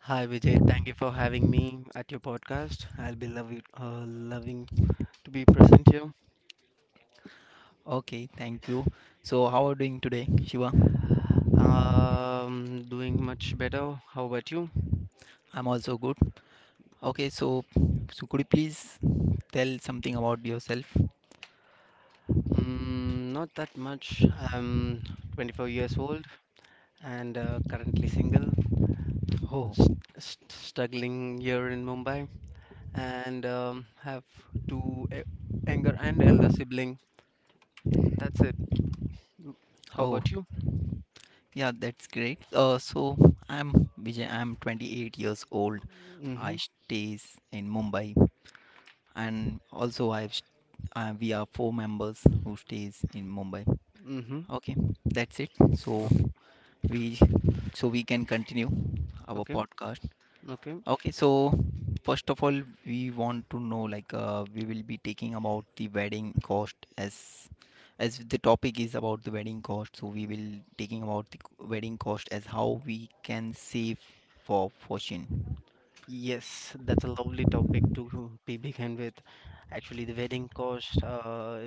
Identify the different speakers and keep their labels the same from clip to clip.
Speaker 1: Hi Vijay, thank you for having me at your podcast. I'll be loving to be present here.
Speaker 2: Okay, thank you. So, how are you doing today, Shiva?
Speaker 1: Doing much better. How about you?
Speaker 2: I'm also good. Okay, so could you please tell something about yourself?
Speaker 1: Not that much. I'm 24 years old and currently single,
Speaker 2: Oh,
Speaker 1: st st struggling here in Mumbai, and have two e- younger and elder sibling. That's it. How
Speaker 2: oh,
Speaker 1: about you?
Speaker 2: yeah, that's great. So I'm Vijay. I'm 28 years old.
Speaker 1: Mm-hmm.
Speaker 2: I stays in Mumbai, and also we are four members who stays in Mumbai.
Speaker 1: Mm-hmm.
Speaker 2: Okay, that's it.
Speaker 1: Okay.
Speaker 2: We so we can continue our
Speaker 1: Okay.
Speaker 2: podcast.
Speaker 1: Okay.
Speaker 2: Okay, so first of all, we want to know, we will be taking about the wedding cost. As the topic is about the wedding cost, so we will taking about the wedding cost as how we can save for fortune.
Speaker 1: Yes, that's a lovely topic to be begin with. Actually, the wedding cost,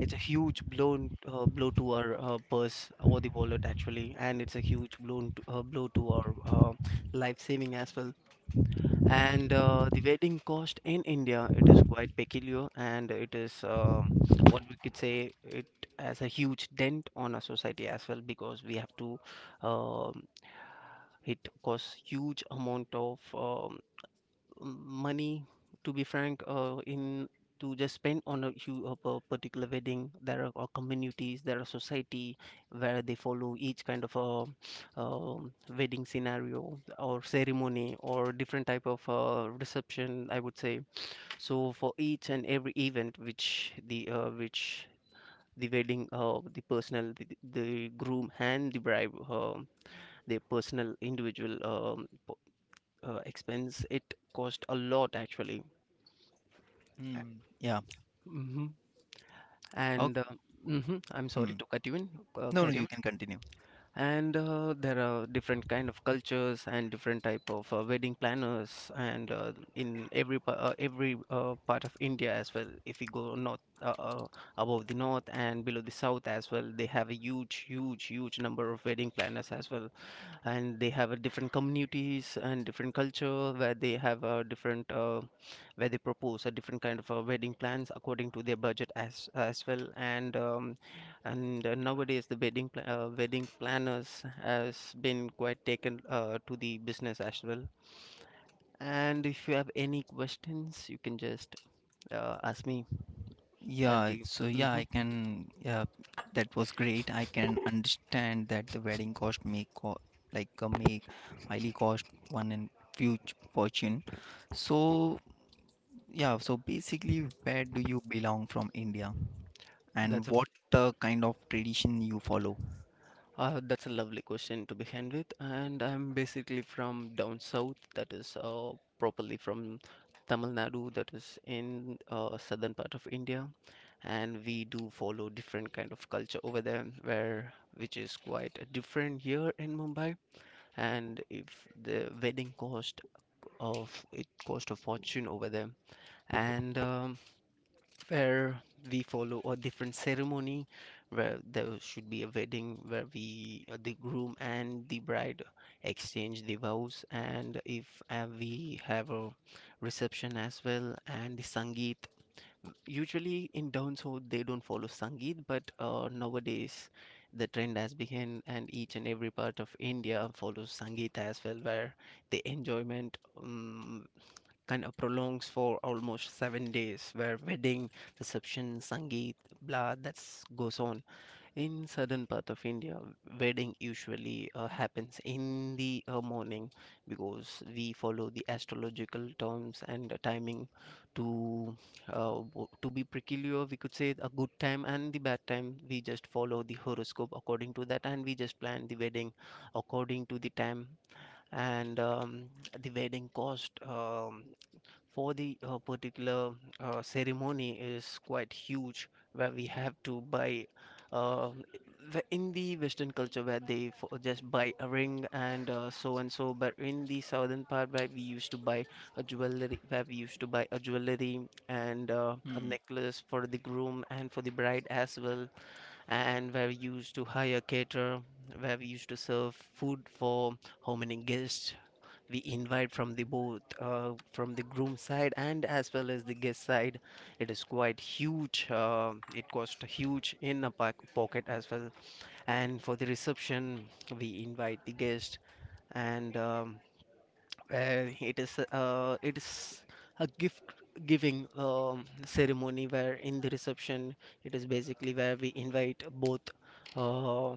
Speaker 1: it's a huge blow to our purse or the wallet, actually, and it's a huge blow to our life saving as well. And the wedding cost in India, it is quite peculiar, and it is what we could say, it has a huge dent on our society as well, because we have to, um, it costs huge amount of money, to be frank, in to just spend on a, of a particular wedding. There are communities, there are society where they follow each kind of a wedding scenario or ceremony or different type of reception, I would say. So for each and every event which the wedding, the the groom and the bride, their personal individual expense, it cost a lot, actually.
Speaker 2: Hmm, yeah.
Speaker 1: Hmm. And
Speaker 2: Okay.
Speaker 1: mhm, I'm sorry
Speaker 2: Hmm.
Speaker 1: to cut you in,
Speaker 2: No, no,
Speaker 1: carry
Speaker 2: you
Speaker 1: on.
Speaker 2: can continue.
Speaker 1: And there are different kind of cultures and different type of wedding planners, and in every part of India as well. If we go north, above the north and below the south as well, they have a huge, huge, huge number of wedding planners as well, and they have a different communities and different culture, where they have a different where they propose a different kind of wedding plans according to their budget as well, and nowadays the wedding planners has been quite taken to the business as well. And if you have any questions, you can just ask me. I'll
Speaker 2: Yeah,
Speaker 1: be,
Speaker 2: so yeah,
Speaker 1: hmm.
Speaker 2: I can. Yeah, that was great. I can understand that the wedding cost may co like may highly cost one and huge fortune. So yeah, so basically, where do you belong from India, and
Speaker 1: that's
Speaker 2: what kind of tradition you follow?
Speaker 1: Uh, that's a lovely question to begin with, and I'm basically from down south, that is properly from Tamil Nadu, that is in southern part of India, and we do follow different kind of culture over there, where which is quite different here in Mumbai. And if the wedding cost of it cost a fortune over there, and where we follow a different ceremony, where there should be a wedding where we, the groom and the bride exchange the vows, and if we have a reception as well, and the sangeet, usually in down south they don't follow sangeet, but nowadays the trend has begun and each and every part of India follows sangeet as well, where the enjoyment um, kind of prolongs for almost 7 days, where wedding, reception, sangeet, blah, that's goes on. In southern part of India, wedding usually happens in the morning, because we follow the astrological terms and timing to to be peculiar. We could say a good time and the bad time. We just follow the horoscope according to that, and we just plan the wedding according to the time. And the wedding cost. For the particular ceremony is quite huge, where we have to buy uh, in the western culture where they for, just buy a ring and so and so, but in the southern part where we used to buy a jewelry, where we used to buy a jewelry, and a
Speaker 2: Hmm.
Speaker 1: necklace for the groom and for the bride as well, and where we used to hire caterer, where we used to serve food for how many guests we invite from the both, from the groom side and as well as the guest side. It is quite huge, it cost huge in a pack pocket as well. And for the reception we invite the guest, and it is a gift giving ceremony, where in the reception it is basically where we invite both, uh,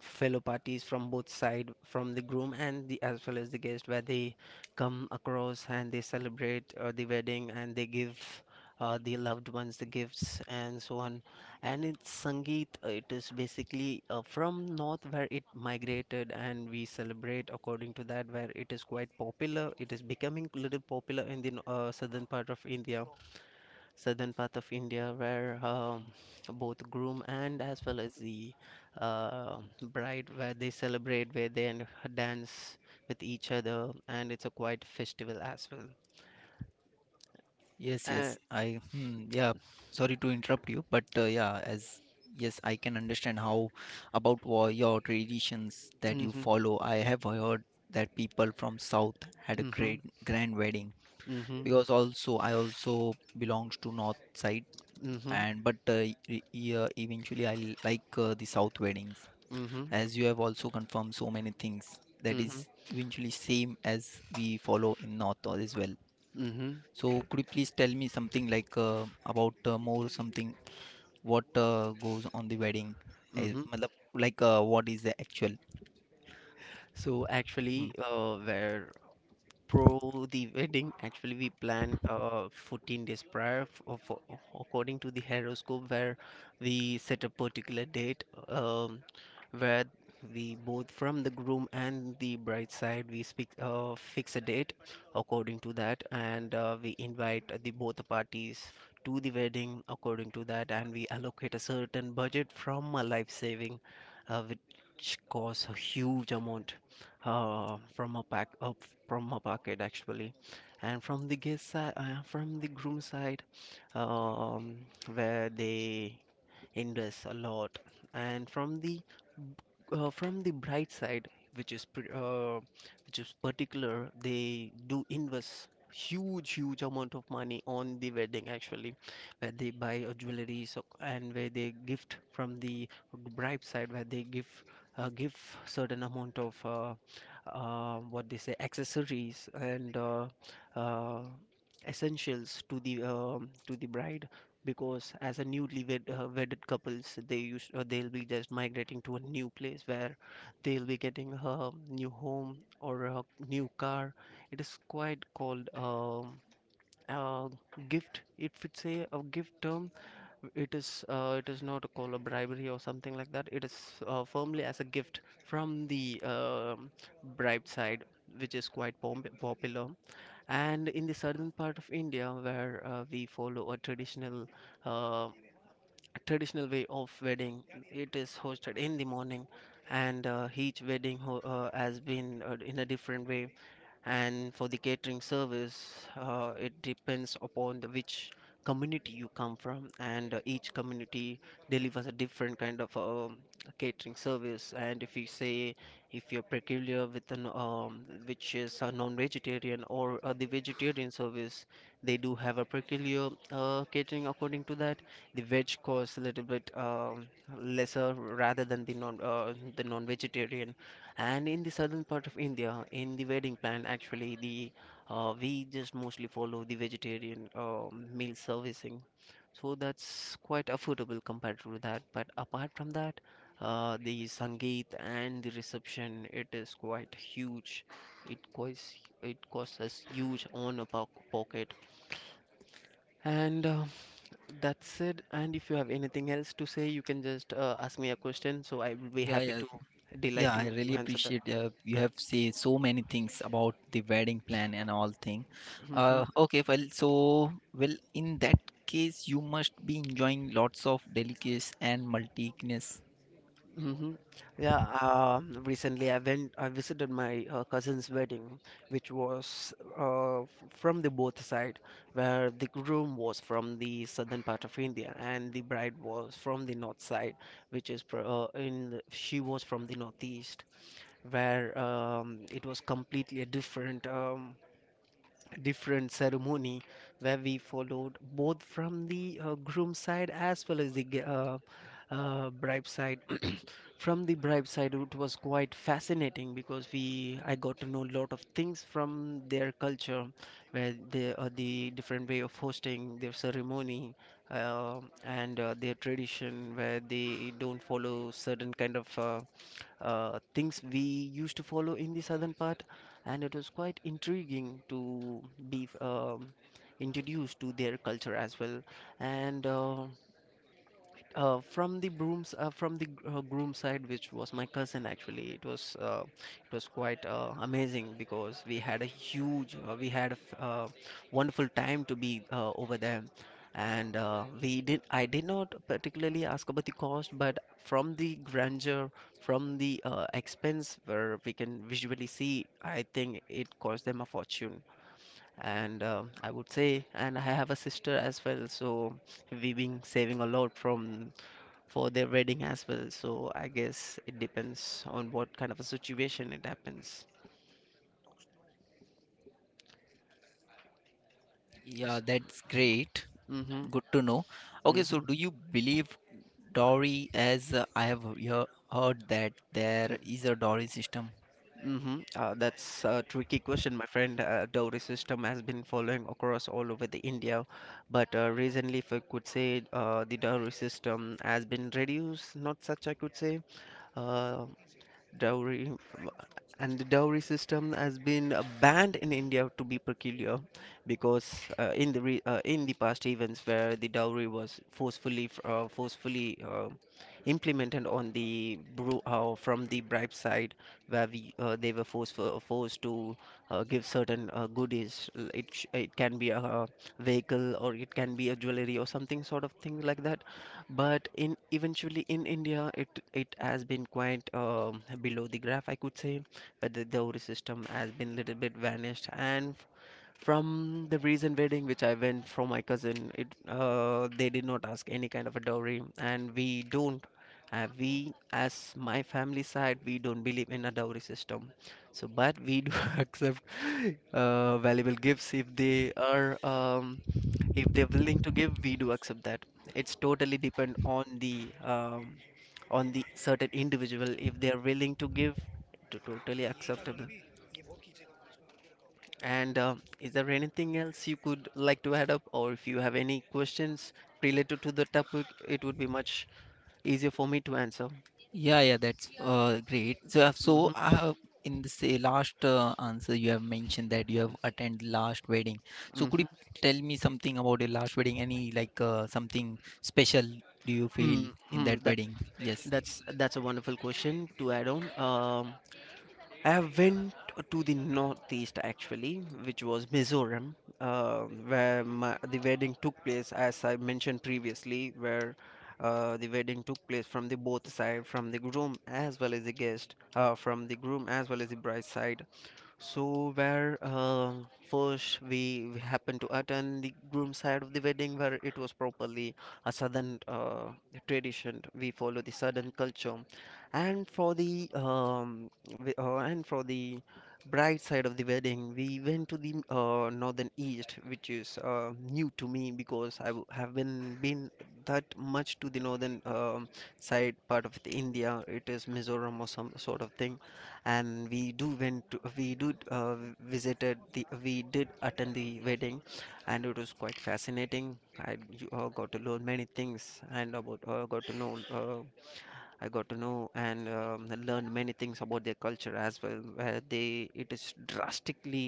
Speaker 1: fellow parties from both side, from the groom and the as well as the guest, where they come across and they celebrate the wedding, and they give the loved ones the gifts and so on. And it's sangeet, it is basically from north where it migrated, and we celebrate according to that, where it is quite popular, it is becoming a little popular in the southern part of India, southern part of India, where both groom and as well as the uh, bride, where they celebrate where they and dance with each other, and it's a quite festival as well.
Speaker 2: Yes,
Speaker 1: Uh,
Speaker 2: yes. Sorry to interrupt you, but I can understand your traditions that you
Speaker 1: mhm,
Speaker 2: follow. I have heard that people from South had a
Speaker 1: mhm,
Speaker 2: great grand wedding,
Speaker 1: mhm,
Speaker 2: because also I also belongs to North side,
Speaker 1: mhm,
Speaker 2: and but e- e- eventually I l- like the South weddings,
Speaker 1: mhm,
Speaker 2: as you have also confirmed so many things that
Speaker 1: mhm,
Speaker 2: is eventually same as we follow in North as well.
Speaker 1: mhm,
Speaker 2: So could you please tell me something about more something what goes on the wedding? I,
Speaker 1: mhm.
Speaker 2: matlab, like What is the actual?
Speaker 1: So
Speaker 2: Hmm.
Speaker 1: actually, where Pro the wedding, actually, we plan 14 days prior for, according to the horoscope, where we set a particular date, where we both from the groom and the bride side we speak, fix a date according to that. And we invite the both the parties to the wedding according to that, and we allocate a certain budget from a life saving, which costs a huge amount, uh, from a pack uh, from a pocket, actually. And from the guest side, from the groom side, um, where they invest a lot. And from the bright side, which is which is particular, they do invest huge huge amount of money on the wedding, actually, where they buy a jewelry so, and where they gift from the bride side, where they give give certain amount of what they say, accessories, and uh, essentials to the bride. Because as a newly wed, wedded couples, they use they'll be just migrating to a new place, where they'll be getting a new home or a new car. It is quite called a gift, if it's a gift term. It is it is not called a bribery or something like that, it is firmly as a gift from the bribe side, which is quite popular. And in the southern part of India, where we follow a uh, traditional way of wedding, it is hosted in the morning. And each wedding has been in a different way. And for the catering service, it depends upon the which community you come from, and each community delivers a different kind of catering service. And if you say, if you're peculiar with an which is a non-vegetarian or the vegetarian service, they do have a peculiar catering according to that. The veg costs a little bit lesser rather than the non the non-vegetarian. And in the southern part of India, in the wedding plan, actually, the, we just mostly follow the vegetarian meal servicing, so that's quite affordable compared to that. But apart from that, the sangeet and the reception, it is quite huge. It costs, it costs us huge on a po pocket. And that's it. And if you have anything else to say, you can just ask me a question, so I will be
Speaker 2: Yeah,
Speaker 1: happy
Speaker 2: yeah,
Speaker 1: to delight
Speaker 2: yeah. I
Speaker 1: you to
Speaker 2: really
Speaker 1: answer that.
Speaker 2: appreciate you have said so many things about the wedding plan and all thing.
Speaker 1: Mhm.
Speaker 2: In that case, you must be enjoying lots of delicacies and multitudes.
Speaker 1: Hmm. Yeah, recently, I visited my cousin's wedding, which was from the both side, where the groom was from the southern part of India and the bride was from the north side, which is pro- in the- she was from the northeast, where it was completely a different ceremony, where we followed both from the groom side as well as the bride side. From the bribe side, it was quite fascinating because we I got to know a lot of things from their culture, where the different way of hosting their ceremony, and their tradition, where they don't follow certain kind of things we used to follow in the southern part, and it was quite intriguing to be introduced to their culture as well. And from the groom side, which was my cousin, actually, it was quite amazing because we had a f- wonderful time to be over there. And we did I did not particularly ask about the cost, but from the grandeur, from the expense where we can visually see, I think it cost them a fortune. And I would say, and I have a sister as well, so we've been saving a lot from for their wedding as well. So I guess it depends on what kind of a situation it happens.
Speaker 2: Yeah, that's great.
Speaker 1: Mm-hmm.
Speaker 2: Good to know. Okay, so
Speaker 1: Mm-hmm.
Speaker 2: do you believe Dory, as I have heard that there is a Dory system?
Speaker 1: Mm-hmm. That's a tricky question, my friend. Dowry system has been following across all over the India. But recently, if I could say, the dowry system has been reduced, not such, I could say. uh, Dowry, and the dowry system has been banned in India, to be peculiar, because in the past events, where the dowry was forcefully, implemented on the bru- from the bribe side, where we they were forced to give certain goodies. It can be a, vehicle, or it can be a jewelry or something sort of thing like that. But in eventually in India, it has been quite below the graph, I could say. The dowry system has been little bit vanished, and from the recent wedding which I went from my cousin, it they did not ask any kind of a dowry, and we don't. Uh, we, as my family side, we don't believe in a dowry system. So, but we do accept valuable gifts if they are if they're willing to give, we do accept that. It's totally depend on the certain individual. If they are willing to give, to totally acceptable. And is there anything else you could like to add up, or if you have any questions related to the topic, it would be much easier for me to answer.
Speaker 2: Yeah, yeah, that's great. So,
Speaker 1: Mm-hmm.
Speaker 2: I have, in the say last answer, you have mentioned that you have attended last wedding. So could
Speaker 1: Mm-hmm.
Speaker 2: you tell me something about your last wedding? Any something special do you feel in
Speaker 1: Mm-hmm.
Speaker 2: that
Speaker 1: that
Speaker 2: wedding? Yes.
Speaker 1: that's that's a wonderful question to add on. I have went to the northeast, actually, which was Mizoram, uh, where the wedding took place, as I mentioned previously, where the wedding took place from the both side, from the groom as well as the guest, from the groom as well as the bride side. So where first, we happened to attend the groom side of the wedding, where it was properly a southern tradition. We follow the southern culture, and for the um, and for the bride side of the wedding, we went to the northern east, which is new to me because have been that much to the northern side part of the India. It is Mizoram or some sort of thing, and we do went to, we do visited the we did attend the wedding, and it was quite fascinating. I got to learn many things, and about got to know I got to know and learned many things about their culture as well, where they it is drastically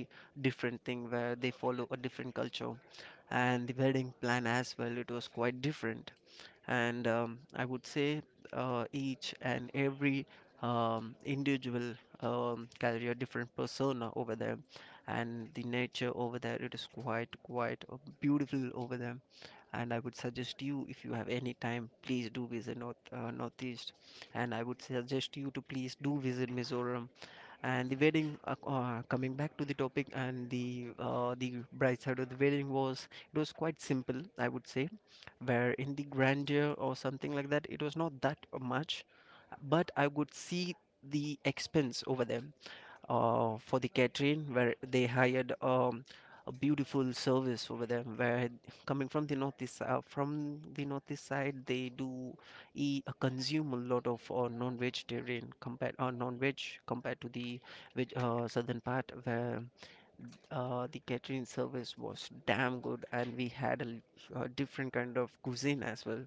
Speaker 1: different thing, where they follow a different culture. And the wedding plan as well, it was quite different. And I would say, each and every individual carry a different persona over them. And the nature over there, it is quite beautiful over them. And I would suggest you, if you have any time, please do visit northeast. And I would suggest you to please do visit Mizoram. And the wedding uh, uh, coming back to the topic, and the bright side of the wedding was, it was quite simple, I would say, where in the grandeur or something like that, it was not that much. But I would see the expense over there, for the catering, where they hired a beautiful service over there, where coming from the northeast side, they do eat consume a lot of non-veg compared to the veg, southern part, where the catering service was damn good, and we had a, a different kind of cuisine as well,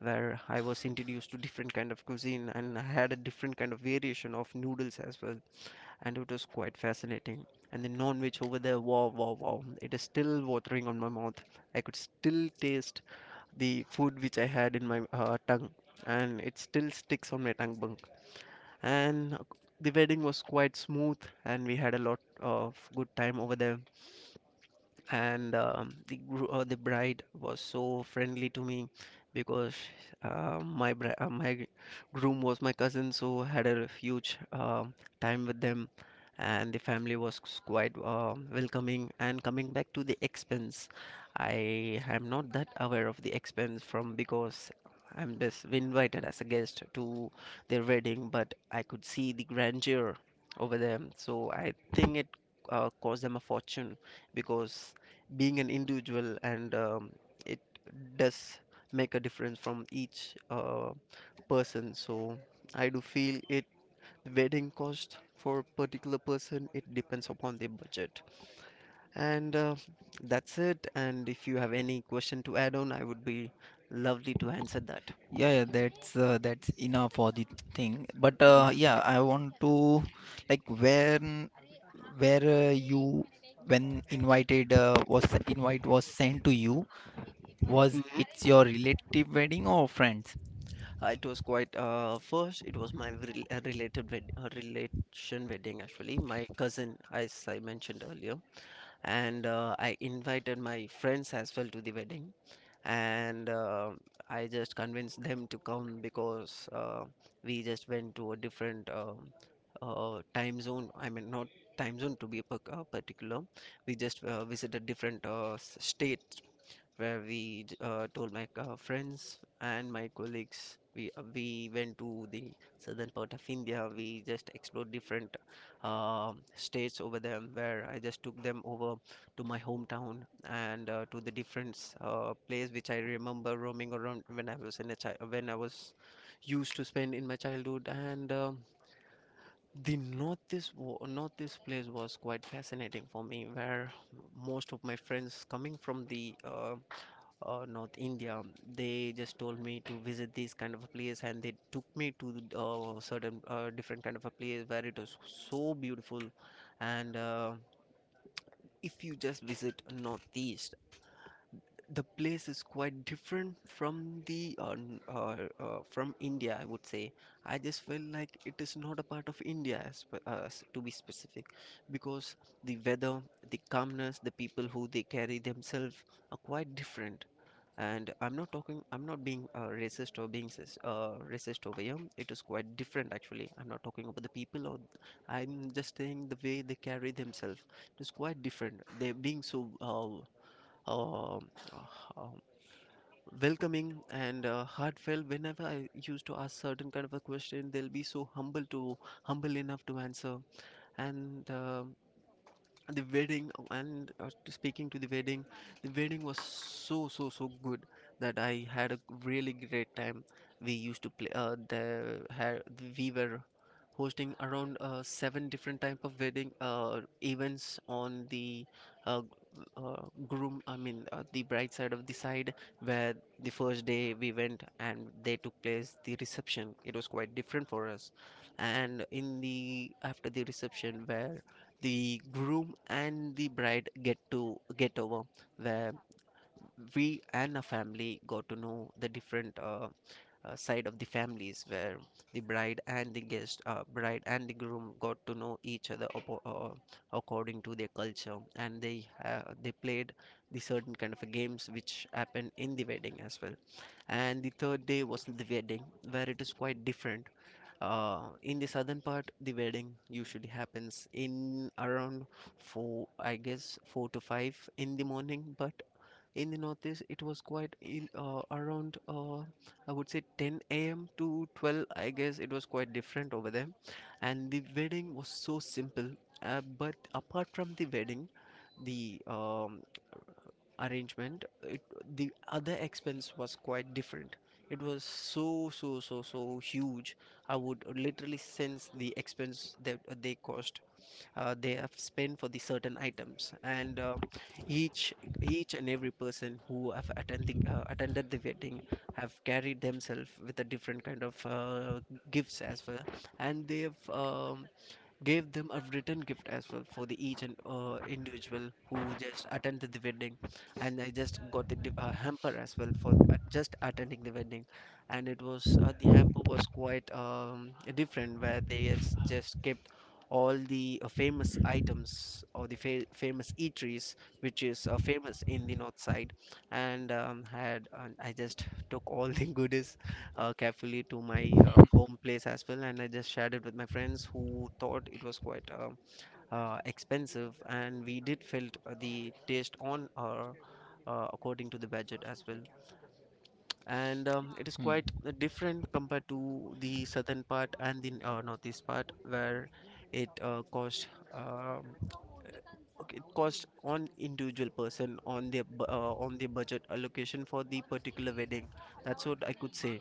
Speaker 1: where I was introduced to different kind of cuisine, and I had a different kind of variation of noodles as well, and it was quite fascinating. And the non-veg over there, wow, wow, wow! It is still watering on my mouth. I could still taste the food, which I had in my tongue, and it still sticks on my tongue bunk. And the wedding was quite smooth, and we had a lot of good time over there. And the bride was so friendly to me because my groom was my cousin, so had a huge time with them. And the family was quite welcoming. And coming back to the expense, I am not that aware of the expense from because I'm just invited as a guest to their wedding, but I could see the grandeur over there, so I think it cost them a fortune, because being an individual, and it does make a difference from each person. So I do feel it, wedding cost for particular person, it depends upon their budget. And that's it. And if you have any question to add on, I would be lovely to answer that.
Speaker 2: Yeah, yeah, that's enough for the thing. But
Speaker 1: Hmm.
Speaker 2: yeah, I want to, like where you, when invited, was sent to you, was
Speaker 1: hmm
Speaker 2: it's your relative wedding or friends?
Speaker 1: It was quite first. It was my relation wedding, actually. My cousin, as I mentioned earlier, and I invited my friends as well to the wedding. And I just convinced them to come, because we just went to a different time zone. I mean, not time zone, to be particular. We just visited different state, where told my friends and my colleagues, we went to the southern part of India. We just explored different states over there, where I just took them over to my hometown, and to the different place, which I remember roaming around when I was in a child, when I was used to spend in my childhood and. The north this place was quite fascinating for me, where most of my friends coming from the North India. They just told me to visit this kind of a place, and they took me to certain different kind of a place, where it was so beautiful. And if you just visit Northeast, the place is quite different from the from India. I would say I just feel like it is not a part of India, to be specific, because the weather, the calmness, the people who they carry themselves are quite different. And I'm not being racist, or being racist over here. It is quite different actually. I'm not talking about the people, or I'm just saying the way they carry themselves. It is quite different. They're being so uh, uh, welcoming, and heartfelt. Whenever I used to ask certain kind of a question, they'll be so humble to humble enough to answer. And the wedding, oh, speaking to the wedding, the wedding was so, so, so good that I had a really great time. We used to play the had, We were hosting around seven different type of wedding events on the g- uh, groom I mean the bride side of the side, where the first day we went, and they took place the reception. It was quite different for us. And in the after the reception, where the groom and the bride get to get over, where we and our family got to know the different side of the families, where the bride and the guest bride and the groom got to know each other, according to their culture. And they played the certain kind of games which happened in the wedding as well. And the third day was the wedding, where it is quite different. In the southern part, the wedding usually happens in around 4, I guess, 4 to 5 in the morning, but in the northeast, it was quite in around, I would say, 10 a.m. to 12, I guess. It was quite different over there. And the wedding was so simple, but apart from the wedding, the arrangement, the other expense was quite different. It was so, so, so, so huge. I would literally sense the expense that they cost. They have spent for the certain items, and each each and every person who have attending attended the wedding have carried themselves with a different kind of gifts as well. And they've um, gave them a written gift as well for the each and individual who just attended the wedding. And I just got the hamper as well for just attending the wedding And it was, the hamper was quite different, where they has just kept all the famous items or the famous eateries which is famous in the north side. And had and I just took all the goodies carefully to my home place as well, and I just shared it with my friends, who thought it was quite expensive, and we did felt, the taste on our. According to the budget as well, and it is
Speaker 2: Hmm.
Speaker 1: quite different compared to the southern part and the northeast part, where it, cost, um, okay, it cost on individual person on their on their budget allocation for the particular wedding. That's what I could say.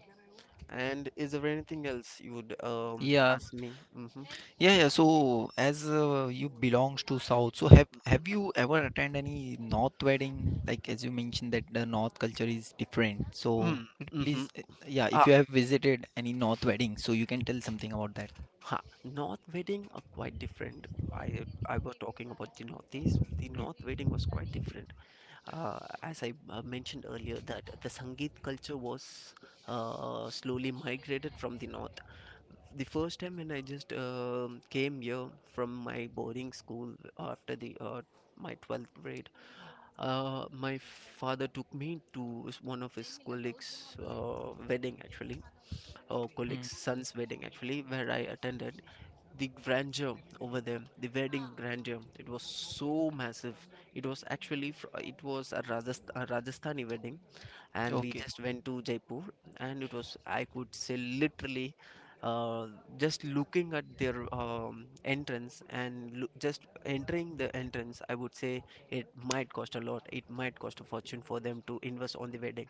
Speaker 1: And is there anything else you would
Speaker 2: Yeah,
Speaker 1: ask me? Mm-hmm.
Speaker 2: yeah, yeah. So as you belongs to South, so have you ever attend any North wedding? Like as you mentioned that the North culture is different.
Speaker 1: Mm, mm-hmm.
Speaker 2: Yeah, if
Speaker 1: Ah,
Speaker 2: you have visited any North wedding, so you can tell something about that.
Speaker 1: ha. North wedding are quite different. I was talking about the north. This the north wedding was quite different. As I mentioned earlier, that the Sangeet culture was slowly migrated from the north. The first time when I just came here from my boarding school after the my 12th grade, my father took me to one of his colleagues' wedding, actually, or
Speaker 2: Hmm.
Speaker 1: colleague's son's wedding, actually, where I attended. The grandeur over there, the wedding grandeur, it was so massive. It was actually, it was a, a Rajasthani wedding, and we
Speaker 2: Okay.
Speaker 1: just went to Jaipur, and it was, I could say, literally uh, just looking at their entrance and just entering the entrance, I would say it might cost a lot. It might cost a fortune for them to invest on the wedding.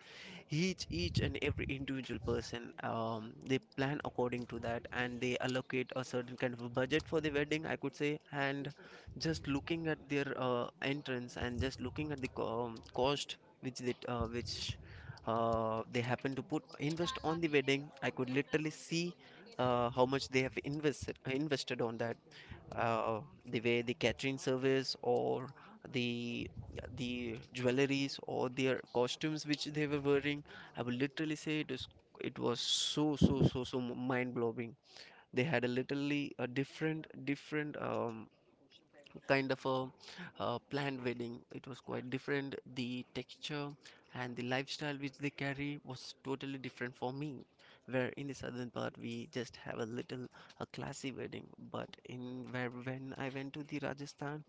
Speaker 1: Each and every individual person, they plan according to that, and they allocate a certain kind of a budget for the wedding, I could say. And just looking at their entrance, and just looking at the cost which they happen to put invest on the wedding, I could literally see how much they have invested on that. The way the catering service or the the jewelries or their costumes which they were wearing, I will literally say it is, it was so so so so mind blowing. They had a literally a different different kind of a planned wedding. It was quite different. The texture and the lifestyle which they carry was totally different for me. Where in the southern part we just have a little a classy wedding, but in where when I went to the Rajasthan,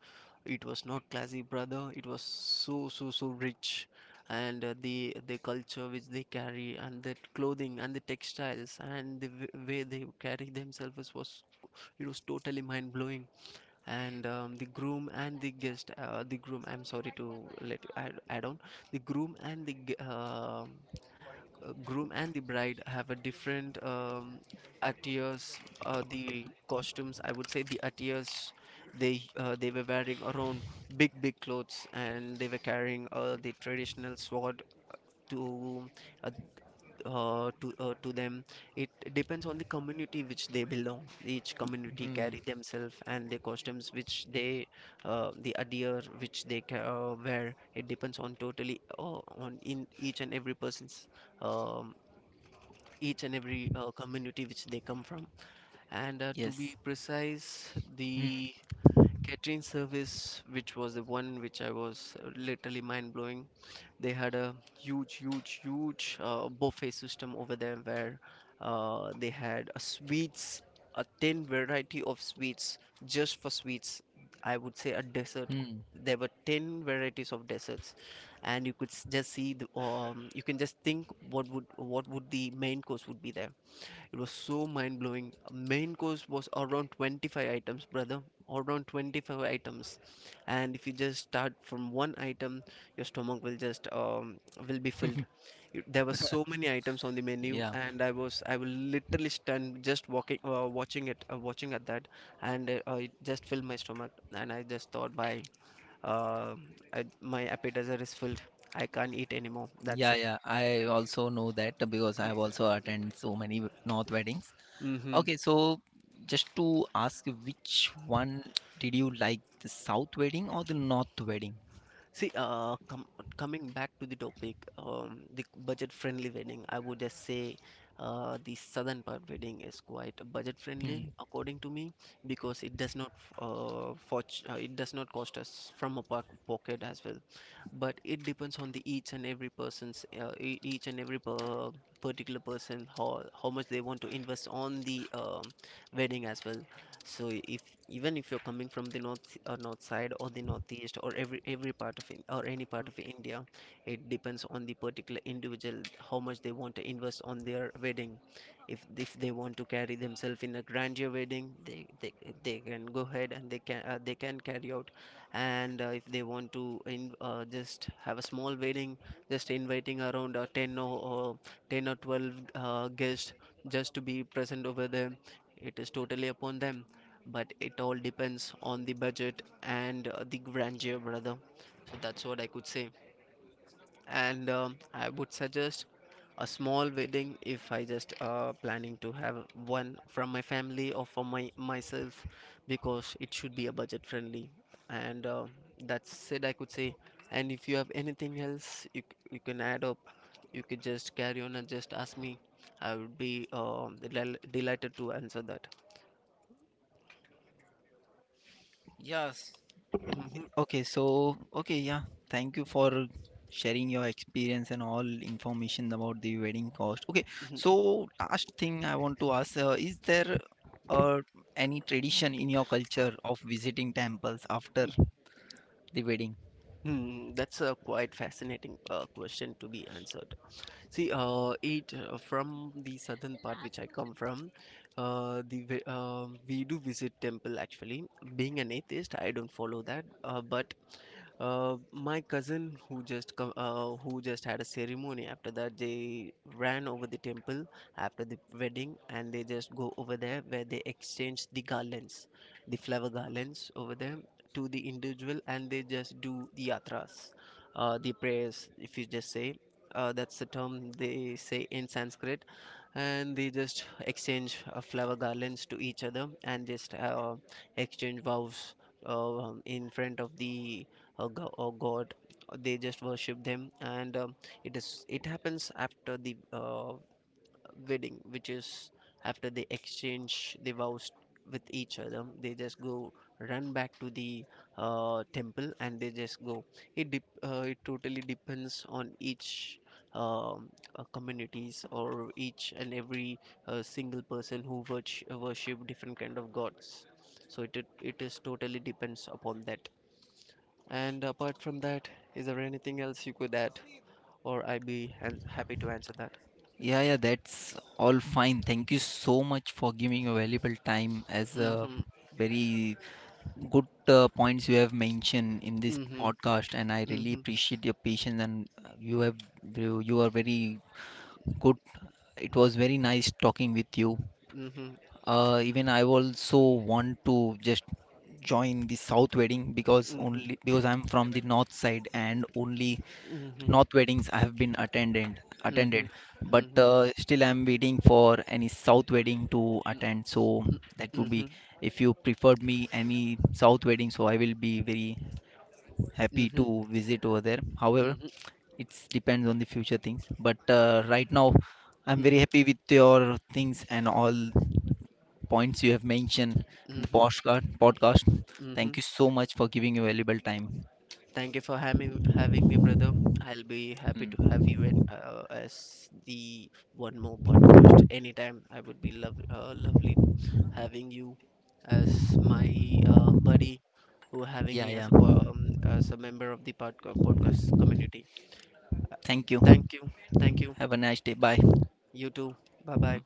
Speaker 1: it was not classy, brother. It was so so so rich, and the culture which they carry and the clothing and the textiles and the way they carry themselves was, it was totally mind blowing. And the groom and the guest, the groom, I'm sorry to let you add, add on. The groom and the groom and the bride have a different attires, the costumes, I would say the attires they were wearing around big big clothes, and they were carrying the traditional sword to uh, to them. It depends on the community which they belong. Each community
Speaker 2: Hmm.
Speaker 1: carry themselves and the costumes which they, the attire which they wear, it depends on totally on in each and every person's, um, each and every community which they come from. And to be
Speaker 2: Yes.
Speaker 1: precise,
Speaker 2: Hmm.
Speaker 1: the catering service which was the one which I was literally mind blowing. They had a huge, huge, huge buffet system over there, where they had a sweets, a ten variety of sweets, just for sweets. I would say a dessert.
Speaker 2: Hmm.
Speaker 1: There were 10 varieties of desserts, and you could just see the, you can just think, what would the main course would be there. It was so mind blowing. Main course was around 25 items, brother. Around 25 items. And if you just start from one item, your stomach will just will be filled. There were so many items on the menu,
Speaker 2: Yeah.
Speaker 1: and I was literally stunned just walking, watching it, watching at that, and it just filled my stomach. And I just thought, why? Uh, I, my appetizer is filled. I can't eat anymore. That's
Speaker 2: Yeah.
Speaker 1: it.
Speaker 2: Yeah, I also know that, because I have also attended so many North weddings.
Speaker 1: Hmm.
Speaker 2: Okay. So just to ask, which one did you like, the South wedding or the North wedding?
Speaker 1: See, coming back to the topic, the budget-friendly wedding, I would just say the southern part wedding is quite budget-friendly,
Speaker 2: Hmm.
Speaker 1: according to me, because it does not, it does not cost us from a pocket as well, but it depends on the each and every person's, each and every particular person how much they want to invest on the wedding as well. So if even if you're coming from the north or north side or the northeast or every part of in, or any part of India, it depends on the particular individual how much they want to invest on their wedding. If they want to carry themselves in a grandeur wedding, they can go ahead, and they can carry out. And if they want to just have a small wedding, just inviting around 10 or 10 or 12 guests, just to be present over there, it is totally upon them. But it all depends on the budget and the grandeur, brother. So that's what I could say. And I would suggest a small wedding if I just planning to have one from my family or for my myself, because it should be a budget friendly. And that's said I could say. And if you have anything else you, you can add up, you could just carry on and just ask me. I would be delighted to answer that.
Speaker 2: Yes.
Speaker 1: Hmm.
Speaker 2: Okay, so okay, yeah. Thank you for sharing your experience and all information about the wedding cost. Okay, so last thing I want to ask, is there uh, any tradition in your culture of visiting temples after the wedding?
Speaker 1: Hmm, that's a quite fascinating question to be answered. See, it from the southern part which I come from, we do visit temple actually. Being an atheist, I don't follow that. But my cousin who just come, who just had a ceremony after that, they ran over the temple after the wedding, and they just go over there where they exchange the garlands, the flower garlands over there, to the individual, and they just do the yatras, the prayers, if you just say. That's the term they say in Sanskrit, and they just exchange flower garlands to each other, and just exchange vows in front of the god. They just worship them, and it is, it happens after the wedding, which is after they exchange the vows with each other. They just go run back to the temple, and they just go. It it totally depends on each, um, communities or each and every single person who worship different kind of gods. So it, it is totally depends upon that. And apart from that, is there anything else you could add, or I'd be happy to answer that?
Speaker 2: Yeah, yeah, that's all fine. Thank you so much for giving your valuable time, as a
Speaker 1: Mm-hmm.
Speaker 2: very good points you have mentioned in this
Speaker 1: Mm-hmm.
Speaker 2: podcast, and I really
Speaker 1: Mm-hmm.
Speaker 2: appreciate your patience and you have you you are very good. It was very nice talking with you.
Speaker 1: Mhm,
Speaker 2: Even I also want to just join the South wedding, because
Speaker 1: mhm,
Speaker 2: only because I'm from the North side and only
Speaker 1: mhm,
Speaker 2: North weddings I have been attended
Speaker 1: mhm,
Speaker 2: attended.
Speaker 1: mhm,
Speaker 2: But
Speaker 1: mm,
Speaker 2: uh, still, I'm waiting for any South wedding to attend. So that
Speaker 1: mm,
Speaker 2: would be,
Speaker 1: mhm,
Speaker 2: if you preferred me any South wedding, so I will be very happy
Speaker 1: mhm,
Speaker 2: to visit over there. However,
Speaker 1: mhm,
Speaker 2: it's depends on the future things. But right now, I'm very
Speaker 1: mhm,
Speaker 2: happy with your things and all points you have mentioned in the
Speaker 1: mhm,
Speaker 2: podcast. Podcast. Thank
Speaker 1: mhm.
Speaker 2: you so much for giving your valuable time.
Speaker 1: Thank you for having me, brother. I'll be happy to
Speaker 2: Mm.
Speaker 1: have you in, as the one more podcast anytime. I would be lovely having you as my buddy, who having
Speaker 2: Yeah,
Speaker 1: me as
Speaker 2: yeah.
Speaker 1: a as a member of the podcast community.
Speaker 2: Thank you.
Speaker 1: Thank you, thank you.
Speaker 2: Have a nice day. Bye.
Speaker 1: You too. Bye bye.